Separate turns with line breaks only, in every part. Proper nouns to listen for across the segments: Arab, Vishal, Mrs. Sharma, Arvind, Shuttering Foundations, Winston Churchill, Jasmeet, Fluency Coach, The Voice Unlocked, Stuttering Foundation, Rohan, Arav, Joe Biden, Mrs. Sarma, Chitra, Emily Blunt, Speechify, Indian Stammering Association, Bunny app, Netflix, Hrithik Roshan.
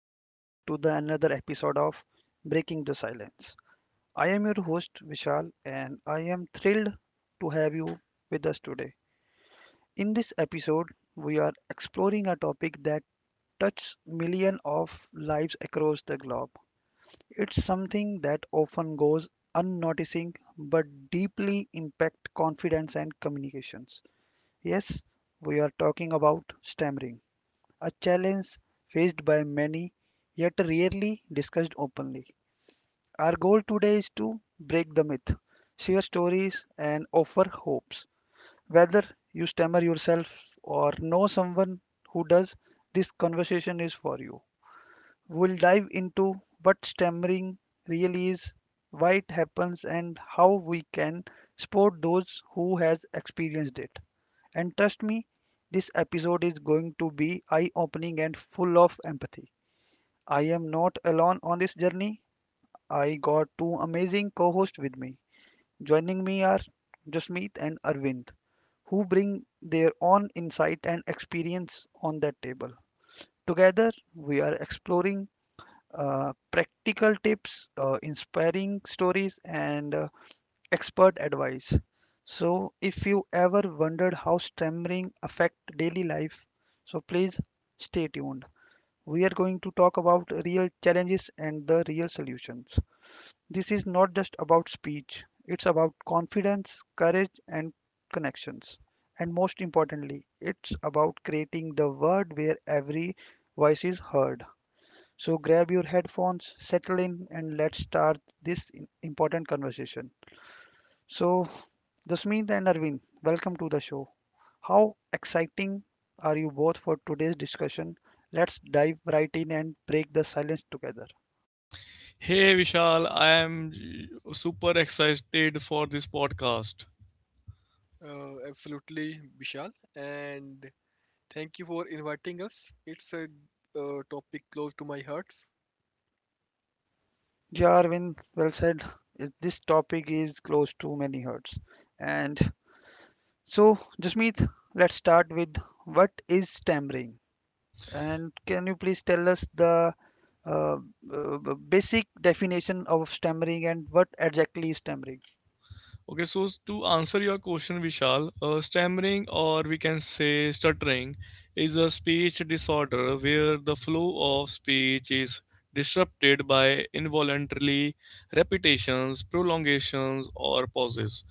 welcome back to the another episode of Breaking the Silence. I am your host Vishal and I am thrilled to have you with us today. In this episode we are exploring a topic that touches millions of lives across the globe. It's something that often goes unnoticing but deeply impact confidence and communications. Yes, we are talking about stammering, a challenge faced by many, yet rarely discussed openly. Our goal today is to break the myth, share stories, and offer hopes. Whether you stammer yourself or know someone who does, this conversation is for you. We'll dive into what stammering really is, why it happens, and how we can support those who has experienced it. And trust me, this episode is going to be eye opening and full of empathy. I am not alone on this journey. I got two amazing co hosts with me. Joining me are Jasmeet and Arvind, who bring their own insight and experience on that table. Together, we are exploring practical tips, inspiring stories, and expert advice. So, if you ever wondered how stammering affect daily life, so please stay tuned. We are going to talk about real challenges and the real solutions. This is not just about speech, it's about confidence, courage, and connections. And most importantly, it's about creating the world where every voice is heard. So grab your headphones, settle in, and let's start this important conversation. So, Jasmeet and Arvind, welcome to the show. How exciting are you both for today's discussion? Let's dive right in and break the silence together.
Hey Vishal, I am super excited for this podcast.
Absolutely, Vishal, and thank you for inviting us. It's a topic close to my heart.
Yeah, Arvind, well said. This topic is close to many hearts. And so, Jasmeet, let's start with what is tampering? And can you please tell us the uh, basic definition of stammering and what exactly is stammering?
Okay, so to answer your question, Vishal, stammering, or we can say stuttering, is a speech disorder where the flow of speech is disrupted by involuntary repetitions, prolongations, or pauses.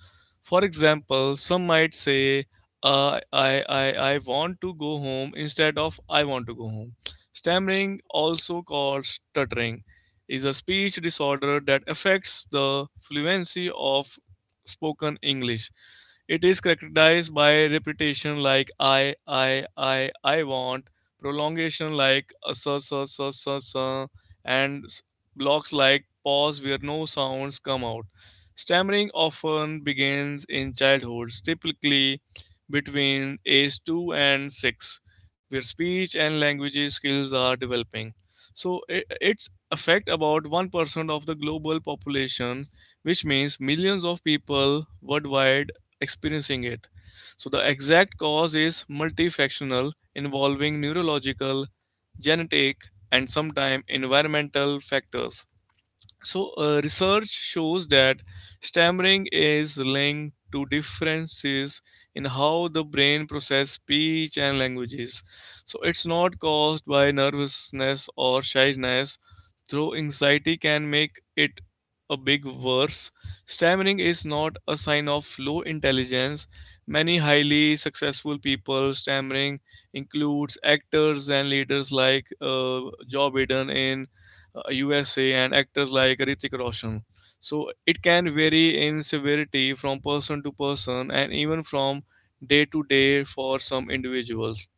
For example, some might say, I want to go home instead of I want to go home. Stammering, also called stuttering, is a speech disorder that affects the fluency of spoken English. It is characterized by repetition like I want, prolongation like so, and blocks like pause where no sounds come out. Stammering often begins in childhood, typically between age 2 and 6, where speech and language skills are developing. So its effect about 1% of the global population, which means millions of people worldwide experiencing it. So the exact cause is multifactional, involving neurological, genetic, and sometimes environmental factors. So research shows that stammering is linked to differences in how the brain processes speech and languages. So it's not caused by nervousness or shyness. Though anxiety can make it a big worse, stammering is not a sign of low intelligence. Many highly successful people stammering includes actors and leaders like Joe Biden in USA and actors like Hrithik Roshan. So it can vary in severity from person to person and even from day to day for some individuals.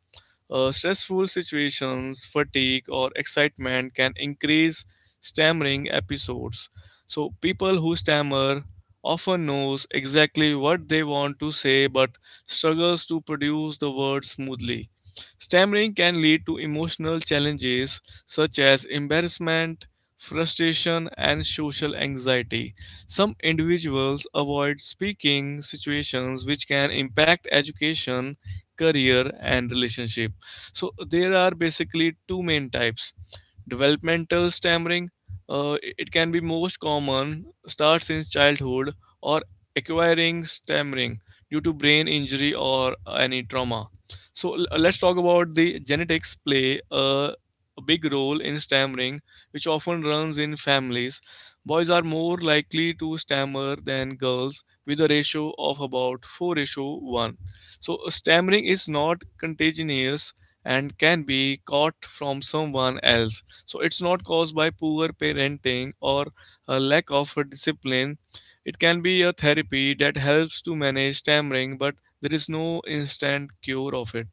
Stressful situations, fatigue, or excitement can increase stammering episodes. So people who stammer often knows exactly what they want to say but struggles to produce the words smoothly. Stammering can lead to emotional challenges such as embarrassment, frustration, and social anxiety. Some individuals avoid speaking situations, which can impact education, career, and relationship. So there are basically two main types. Developmental stammering, it can be most common, starts in childhood, or acquiring stammering due to brain injury or any trauma. So let's talk about the genetics play a big role in stammering, which often runs in families. Boys are more likely to stammer than girls with a ratio of about 4 ratio 1. So stammering is not contagious and can be caught from someone else. So it's not caused by poor parenting or a lack of discipline. It can be a therapy that helps to manage stammering, but there is no instant cure of it.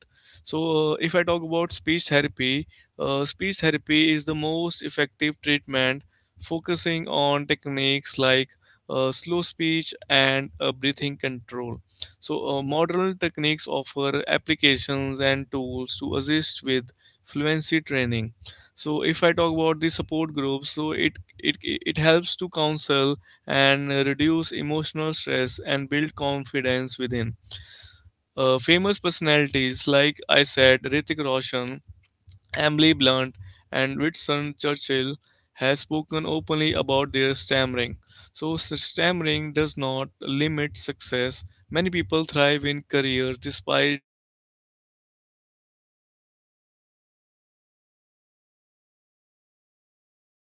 So if I talk about speech therapy, speech therapy is the most effective treatment, focusing on techniques like slow speech and breathing control. So modern techniques offer applications and tools to assist with fluency training. So if I talk about the support groups, so it helps to counsel and reduce emotional stress and build confidence within. Famous personalities like I said, Ritik Roshan, Emily Blunt, and Winston Churchill has spoken openly about their stammering. So, stammering does not limit success. Many people thrive in careers despite it. Patience and empathy from listeners make a huge difference of those who stammer.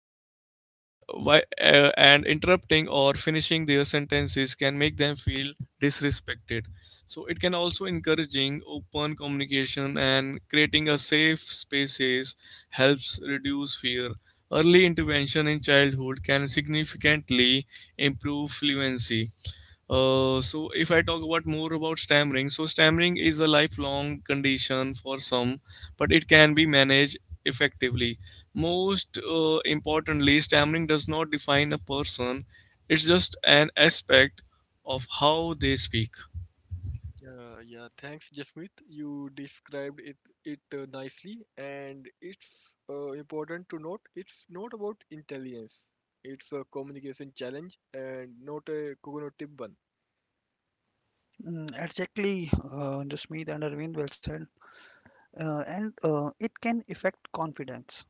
Okay. And why and interrupting or finishing their sentences can make them feel disrespected. So it can also encouraging open communication and creating a safe spaces helps reduce fear. Early intervention in childhood can significantly improve fluency. So if I talk about more about stammering, so stammering is a lifelong condition for some, but it can be managed effectively. Most importantly, stammering does not define a person; it's just an aspect of how they speak.
Yeah. Thanks, Jasmeet. You described it nicely, and it's important to note it's not about intelligence. It's a communication challenge and not a cognitive one.
Mm, exactly, Jasmeet and Arvind, well said. And It can affect confidence,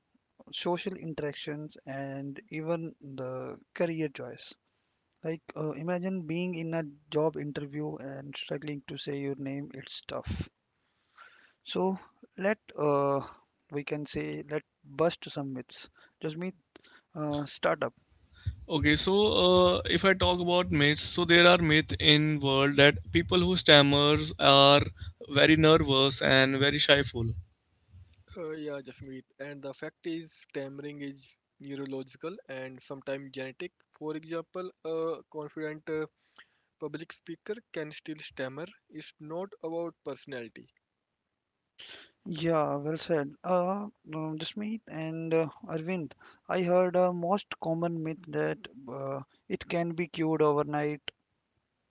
social interactions, and even the career choice. Like, imagine being in a job interview and struggling to say your name, it's tough. So, let we can say, let bust some myths. Jasmeet, start up.
Okay, so if I talk about myths, so there are myths in world that people who stammers are very nervous and very shyful.
Yeah, Jasmeet. And the fact is, stammering is neurological and sometimes genetic. For example, a confident public speaker can still stammer. It's not about personality.
Yeah, well said. Jasmeet and Arvind, I heard a most common myth that uh, it can be cured overnight.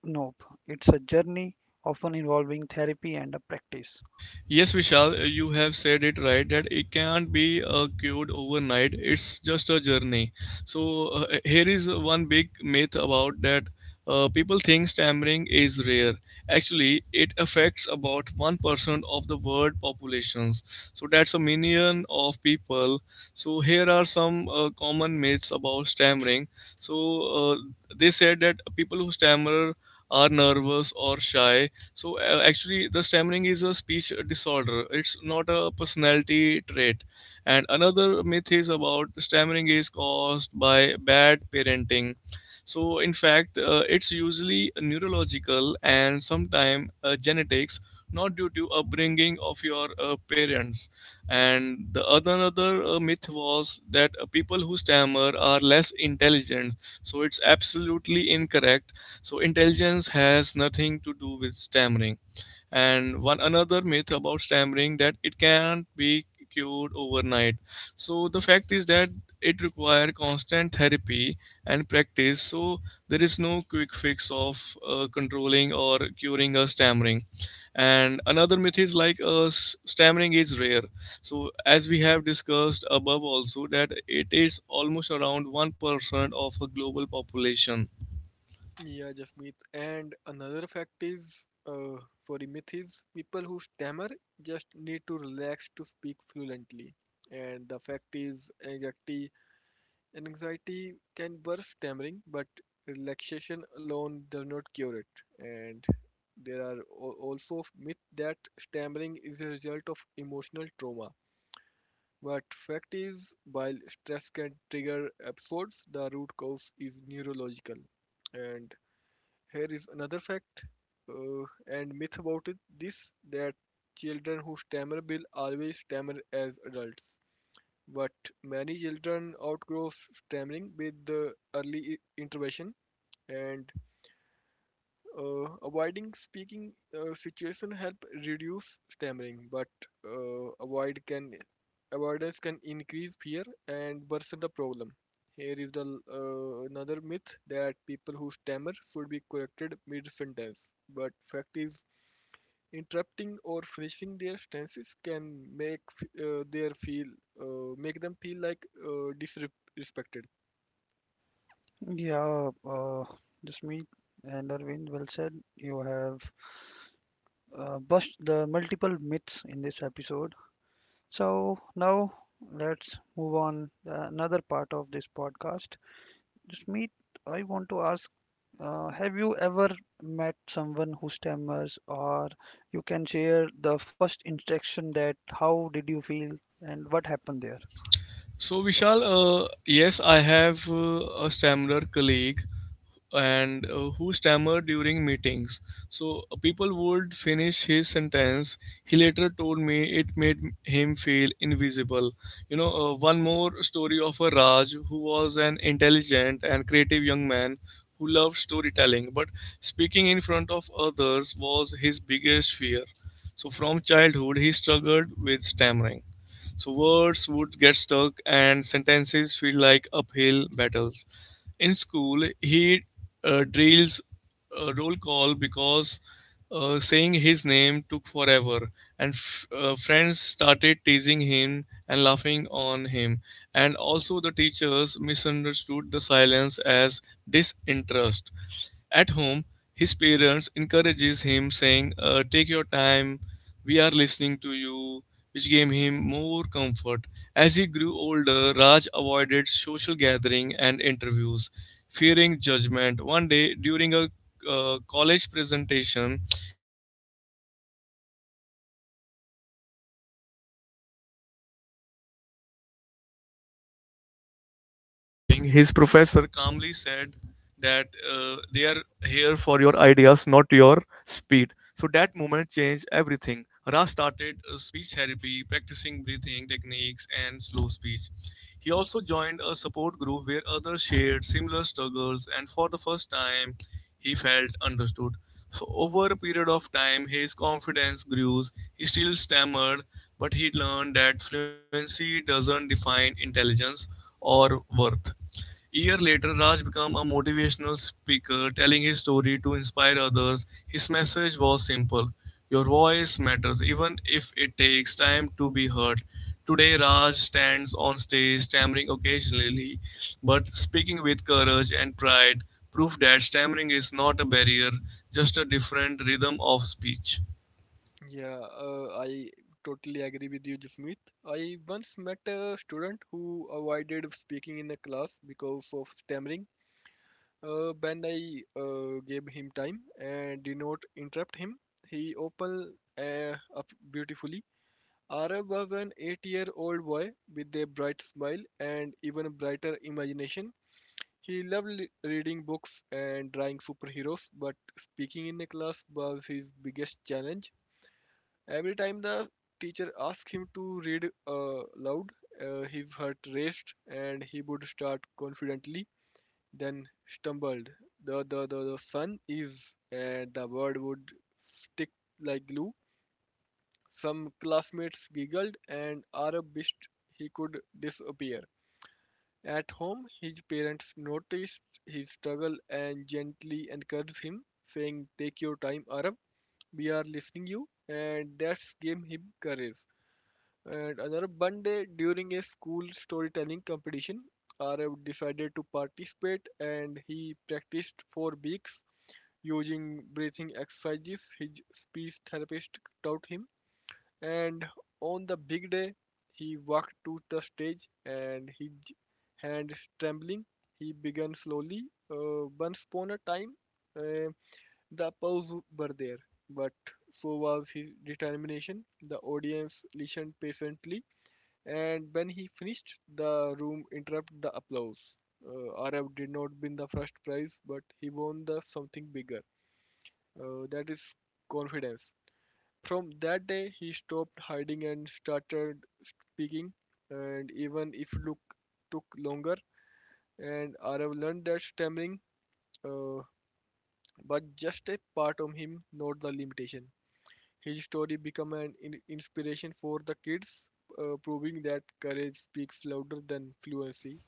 Nope. It's a journey often involving therapy and a practice.
Yes, Vishal, you have said it right that it can't be cured overnight. It's just a journey. So here is one big myth about that. People think stammering is rare. Actually, it affects about 1% of the world populations. So that's a million of people. So here are some common myths about stammering. So uh, they said that people who stammer are nervous or shy. So actually, the stammering is a speech disorder. It's not a personality trait. And another myth is about stammering is caused by bad parenting. So in fact, it's usually neurological and sometimes genetics, not due to upbringing of your parents. And the other another myth was that people who stammer are less intelligent. So it's absolutely incorrect. So intelligence has nothing to do with stammering. And one another myth about stammering that it can't be cured overnight. So the fact is that it requires constant therapy and practice. So there is no quick fix of controlling or curing a stammering. And another myth is like stammering is rare. So as we have discussed above also that it is almost around 1% of a global population.
Yeah, Jasmeet. And another fact is, for the myth is, people who stammer just need to relax to speak fluently. And the fact is, anxiety can burst stammering, but relaxation alone does not cure it. And there are also myth that stammering is a result of emotional trauma. But fact is, while stress can trigger episodes, the root cause is neurological. And here is another fact and myth about it this that children who stammer will always stammer as adults. But many children outgrow stammering with the early intervention, and avoiding speaking situation help reduce stammering, but uh, avoid can avoidance can increase fear and worsen the problem. Here is the another myth that people who stammer should be corrected mid sentence. But fact is, interrupting or finishing their stances can make their feel make them feel like disrespected.
Yeah, just me and Arvind, well said. You have bust the multiple myths in this episode. So now let's move on another part of this podcast. Just me, I want to ask, have you ever met someone who stammers, or you can share the first interaction that how did you feel and what happened there?
So, Vishal, yes, I have a stammerer colleague and who stammered during meetings. So, people would finish his sentence. He later told me it made him feel invisible. You know, one more story of a Raj who was an intelligent and creative young man who loved storytelling, but speaking in front of others was his biggest fear. So, from childhood, he struggled with stammering. So words would get stuck and sentences feel like uphill battles. In school, he drills a roll call because saying his name took forever, and friends started teasing him and laughing on him. And also, the teachers misunderstood the silence as disinterest. At home, his parents encourages him, saying, "Take your time. We are listening to you," which gave him more comfort. As he grew older, Raj avoided social gathering and interviews, fearing judgment. One day, during a college presentation, he froze mid-sentence, and the room went silence. Instead of Instead of laughing, his professor calmly said that they are here for your ideas, not your speed. So that moment changed everything. Ra started speech therapy, practicing breathing techniques and slow speech. He also joined a support group where others shared similar struggles, and for the first time, he felt understood. So over a period of time, his confidence grew. He still stammered, but he learned that fluency doesn't define intelligence or worth. Year later, Raj became a motivational speaker, telling his story to inspire others. His message was simple. Your voice matters, even if it takes time to be heard. Today, Raj stands on stage, stammering occasionally, but speaking with courage and pride, proof that stammering is not a barrier, just a different rhythm of speech.
Yeah, I totally agree with you, Jasmeet. I once met a student who avoided speaking in a class because of stammering. When I gave him time and did not interrupt him, he opened up beautifully. Arab was an eight-year-old boy with a bright smile and even brighter imagination. He loved reading books and drawing superheroes, but speaking in a class was his biggest challenge. Every time the teacher asked him to read loud, his heart raced and he would start confidently, then stumbled. The sun is, and the word would stick like glue. Some classmates giggled, and Arab wished he could disappear. At home, his parents noticed his struggle and gently encouraged him, saying, "Take your time, Arab. We are listening you." And that gave him courage. And another one day during a school storytelling competition, Arav decided to participate and he practiced for weeks using breathing exercises his speech therapist taught him. And on the big day, he walked to the stage and his hands trembling. He began slowly. Once upon a time, uh, the applause were there, but so was his determination. The audience listened patiently and when he finished, the room interrupted the applause. RF did not win the first prize, but he won the something bigger. That is confidence. From that day, he stopped hiding and started speaking. And even if look took longer, and RF learned that stammering uh, was just a part of him, not the limitation. His story became an inspiration for the kids, proving that courage speaks louder than fluency.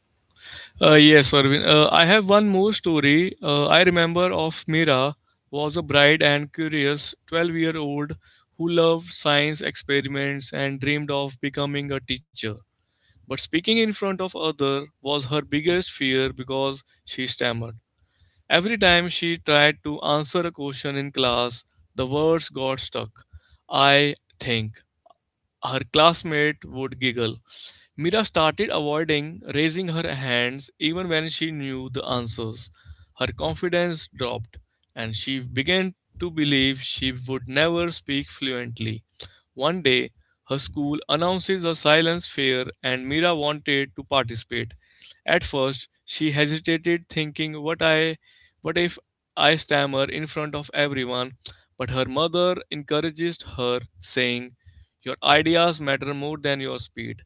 Yes, Arvind. I have one more story. I remember of Mira was a bright and curious 12-year-old who loved science experiments and dreamed of becoming a teacher. But speaking in front of other was her biggest fear because she stammered. Every time she tried to answer a question in class, the words got stuck. I think her classmate would giggle. Mira started avoiding raising her hands even when she knew the answers. Her confidence dropped, and she began to believe she would never speak fluently. One day, her school announces a silence fair and Mira wanted to participate. At first, she hesitated thinking what if I stammer in front of everyone, but her mother encouraged her saying, "Your ideas matter more than your speed."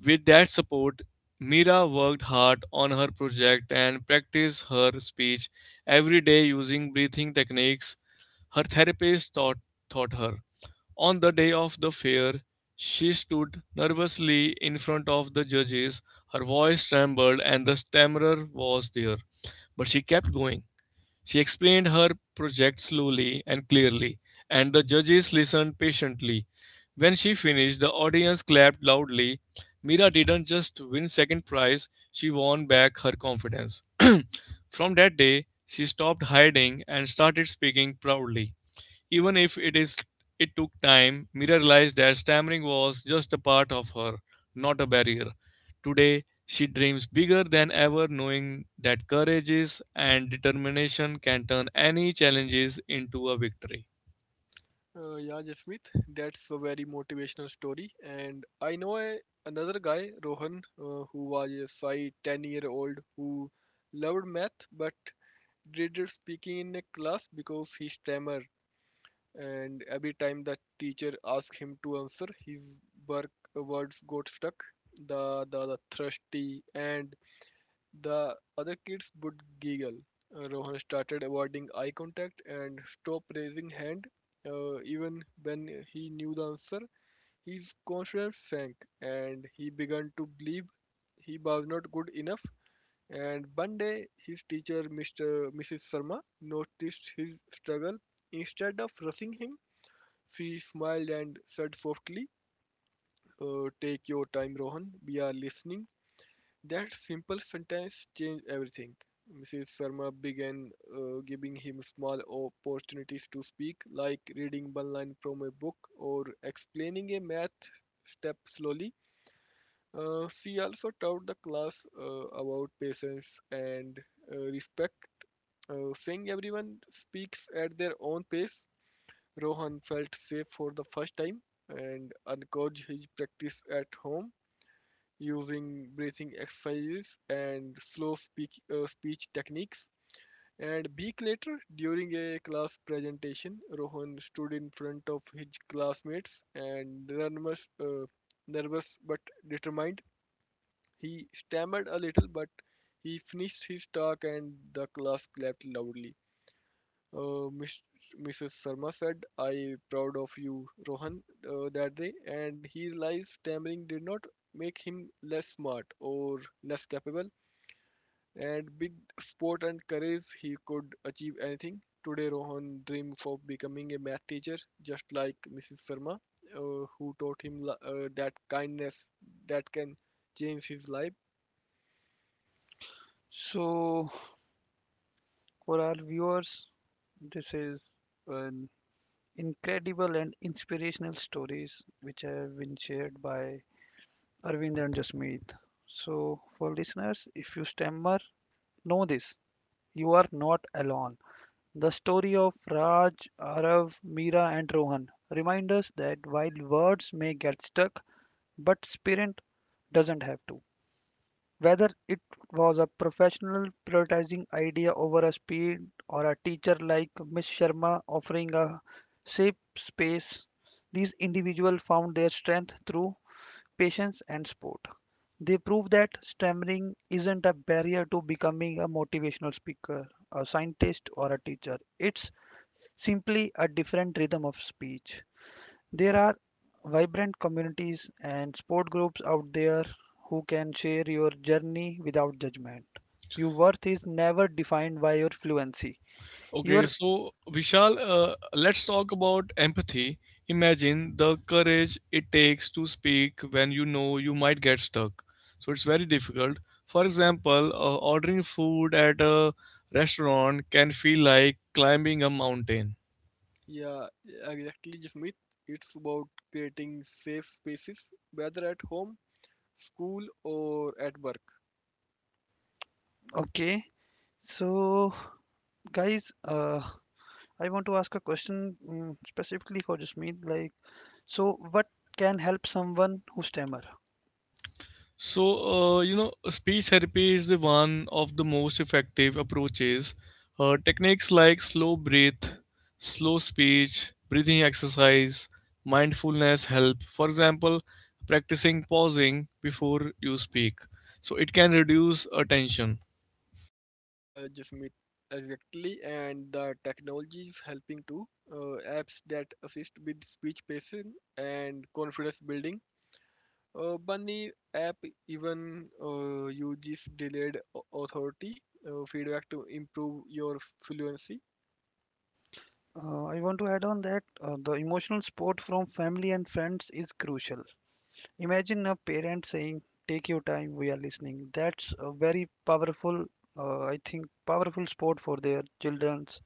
With that support, Mira worked hard on her project and practiced her speech every day using breathing techniques her taught her. On the day of the fair, she stood nervously in front of the judges. Her voice trembled and the stammerer was there, but she kept going. She explained her project slowly and clearly, and the judges listened patiently. When she finished, the audience clapped loudly. Mira didn't just win second prize, she won back her confidence. From that day, she stopped hiding and started speaking proudly. Even if it is It took time. Mira realized that stammering was just a part of her, not a barrier. Today, she dreams bigger than ever, knowing that courage is and determination can turn any challenges into a victory.
Yeah, Jasmeet, that's a very motivational story. And I know another guy, Rohan, who was a shy 10-year-old who loved math but dreaded speaking in a class because he stammered. And every time the teacher asked him to answer, his words got stuck. The thirsty and the other kids would giggle. Rohan started avoiding eye contact and stopped raising hand. Even when he knew the answer, his confidence sank and he began to believe he was not good enough. And one day, his teacher, Mr. Mrs. Sharma, noticed his struggle. Instead of rushing him, she smiled and said softly, "Take your time, Rohan. We are listening." That simple sentence changed everything. Mrs. Sharma began giving him small opportunities to speak, like reading one line from a book or explaining a math step slowly. She also taught the class about patience and respect, saying everyone speaks at their own pace. Rohan felt safe for the first time and encouraged his practice at home using breathing exercises and speech techniques. And a week later, during a class presentation, Rohan stood in front of his classmates and nervous but determined. He stammered a little, but he finished his talk, and the class clapped loudly. Uh, Miss, Mrs. Sarma said, I proud of you, Rohan, that day, and he realized stammering did not make him less smart or less capable, and with sport and courage he could achieve anything. Today, Rohan dreams of becoming a math teacher, just like Mrs. Sarma, who taught him that kindness that can change his life.
So for our viewers, this is an incredible and inspirational stories which have been shared by Arvind and Jasmeet. So, for listeners, if you stammer, know this, you are not alone. The story of Raj, Arav, Meera, and Rohan remind us that while words may get stuck, but spirit doesn't have to. Whether it was a professional prioritizing idea over a speed or a teacher like Miss Sharma offering a safe space, these individuals found their strength through patience and support. They prove that stammering isn't a barrier to becoming a motivational speaker, a scientist, or a teacher. It's simply a different rhythm of speech. There are vibrant communities and sport groups out there who can share your journey without judgment. Your worth is never defined by your fluency. You are
Okay, so Vishal, let's talk about empathy. Imagine the courage it takes to speak when you know you might get stuck. So it's very difficult. For example, ordering food at a restaurant can feel like climbing a mountain.
Yeah, exactly, Jasmeet. It's about creating safe spaces, whether at home school or at work.
okay. So, guys, I want to ask a question, mm, specifically for Jasmeet. Like, so what can help someone who stammer?
So, speech therapy is the one of the most effective approaches. Techniques like slow breath, slow speech, breathing exercise, mindfulness help. For example, practicing pausing before you speak. So it can reduce attention.
Yeah, Jasmeet, exactly. And the technology is helping too. Apps that assist with speech pacing and confidence building. Bunny app even uses delayed authority feedback to improve your fluency.
I want to add on that the emotional support from family and friends is crucial. Imagine a parent saying, "Take your time, we are listening." That's a very powerful, I think, powerful sport for their childrens.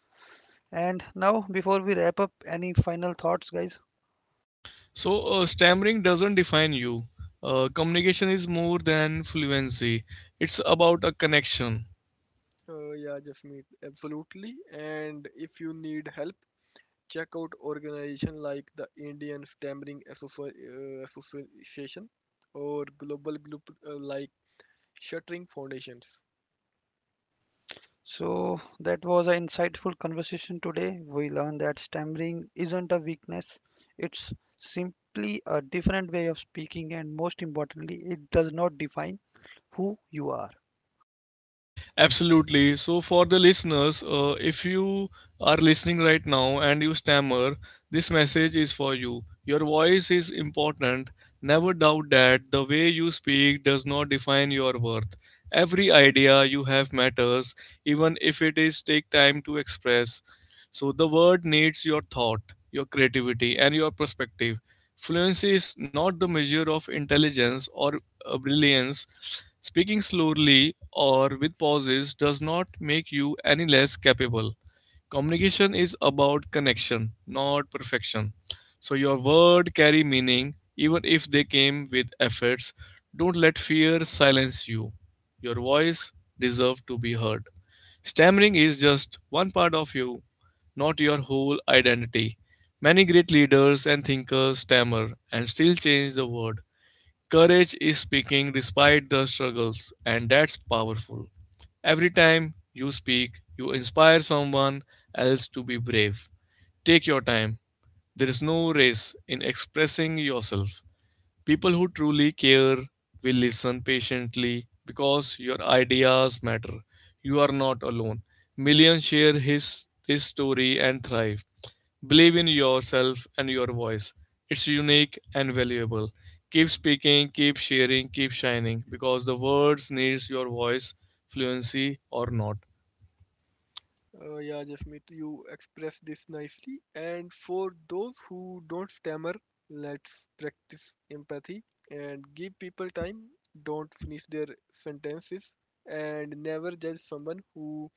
And now, before we wrap up, any final thoughts, guys?
So, stammering doesn't define you. Communication is more than fluency, it's about a connection.
Yeah, Jasmeet, absolutely. And if you need help, check out organizations like the Indian Stammering Association or global group like Shuttering Foundations.
So that was an insightful conversation today. We learned that stammering isn't a weakness; it's simply a different way of speaking, and most importantly, it does not define who you are.
Absolutely. So, for the listeners, if you are listening right now and you stammer, this message is for you. Your voice is important. Never doubt that the way you speak does not define your worth. Every idea you have matters, even if it is take time to express. So the word needs your thought, your creativity, and your perspective. Fluency is not the measure of intelligence or brilliance. Speaking slowly or with pauses does not make you any less capable. Communication is about connection, not perfection. So your word carry meaning even if they came with efforts. Don't let fear silence you. Your voice deserves to be heard. Stammering is just one part of you, not your whole identity. Many great leaders and thinkers stammer and still change the world. Courage is speaking despite the struggles, and that's powerful. Every time you speak, you inspire someone else to be brave. Take your time. There is no race in expressing yourself. People who truly care will listen patiently because your ideas matter. You are not alone. Millions share his this story and thrive. Believe in yourself and your voice. It's unique and valuable. Keep speaking, keep sharing, keep shining because the words needs your voice, fluency or not.
Yeah, Jasmeet, you expressed this nicely. And for those who don't stammer, let's practice empathy and give people time. Don't finish their sentences and never judge someone who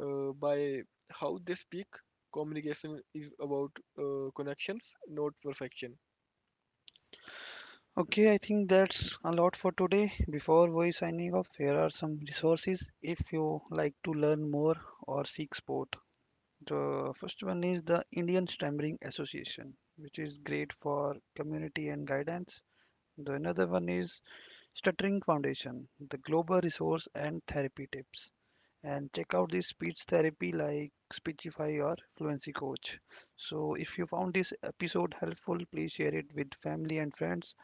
by how they speak. Communication is about connections, not perfection.
Okay, I think that's a lot for today. Before we signing off, here are some resources if you like to learn more or seek support. The first one is the Indian Stammering Association, which is great for community and guidance. The another one is Stuttering Foundation, the global resource and therapy tips. And check out the speech therapy like Speechify or Fluency Coach. So, if you found this episode helpful, please share it with family and friends.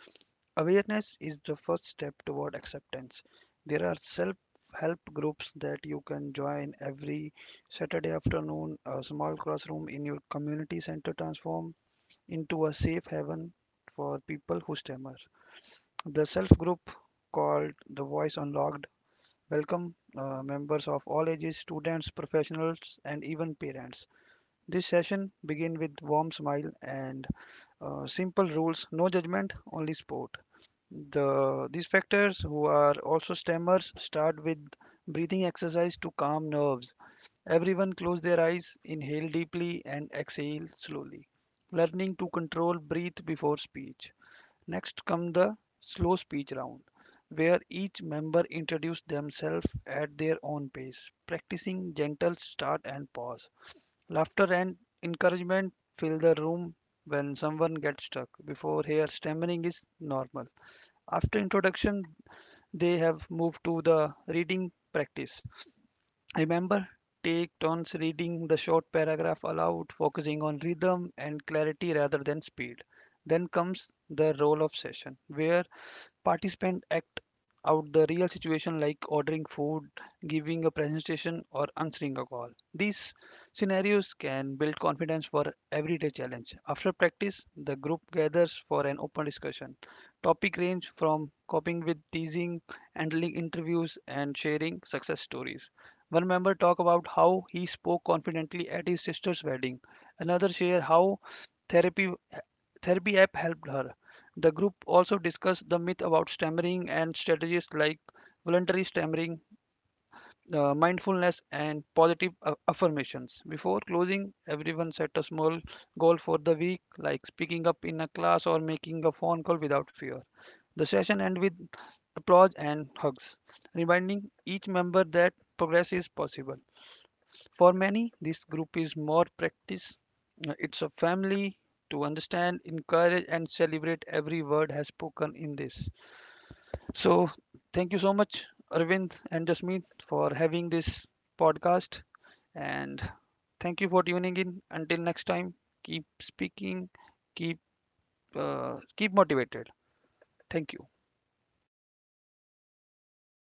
Awareness is the first step toward acceptance. There are self help groups that you can join every Saturday afternoon. A small classroom in your community center transform into a safe haven for people who stammer. The self group called The Voice Unlocked welcome members of all ages, students, professionals, and even parents. This session begins with warm smile and simple rules, no judgment, only support. The these factors who are also stammers start with breathing exercise to calm nerves. Everyone close their eyes, inhale deeply and exhale slowly, learning to control breath before speech. Next comes the slow speech round, where each member introduces themselves at their own pace, practicing gentle start and pause. Laughter and encouragement fill the room when someone gets stuck before here stammering is normal. After introduction, they have moved to the reading practice. Remember, take turns reading the short paragraph aloud, focusing on rhythm and clarity rather than speed. Then comes the role of session, where participants act out the real situation like ordering food, giving a presentation, or answering a call. These scenarios can build confidence for everyday challenge. After practice, the group gathers for an open discussion. Topic range from coping with teasing, handling interviews, and sharing success stories. One member talk about how he spoke confidently at his sister's wedding. Another share how therapy therapy app helped her. The group also discussed the myth about stammering and strategies like voluntary stammering, mindfulness, and positive affirmations. Before closing, everyone set a small goal for the week, like speaking up in a class or making a phone call without fear. The session ended with applause and hugs, reminding each member that progress is possible. For many, this group is more practice. It's a family to understand, encourage, and celebrate every word has spoken in this. So, thank you so much, Arvind and Jasmeet, for having this podcast. And thank you for tuning in. Until next time, keep speaking, keep keep motivated. Thank you.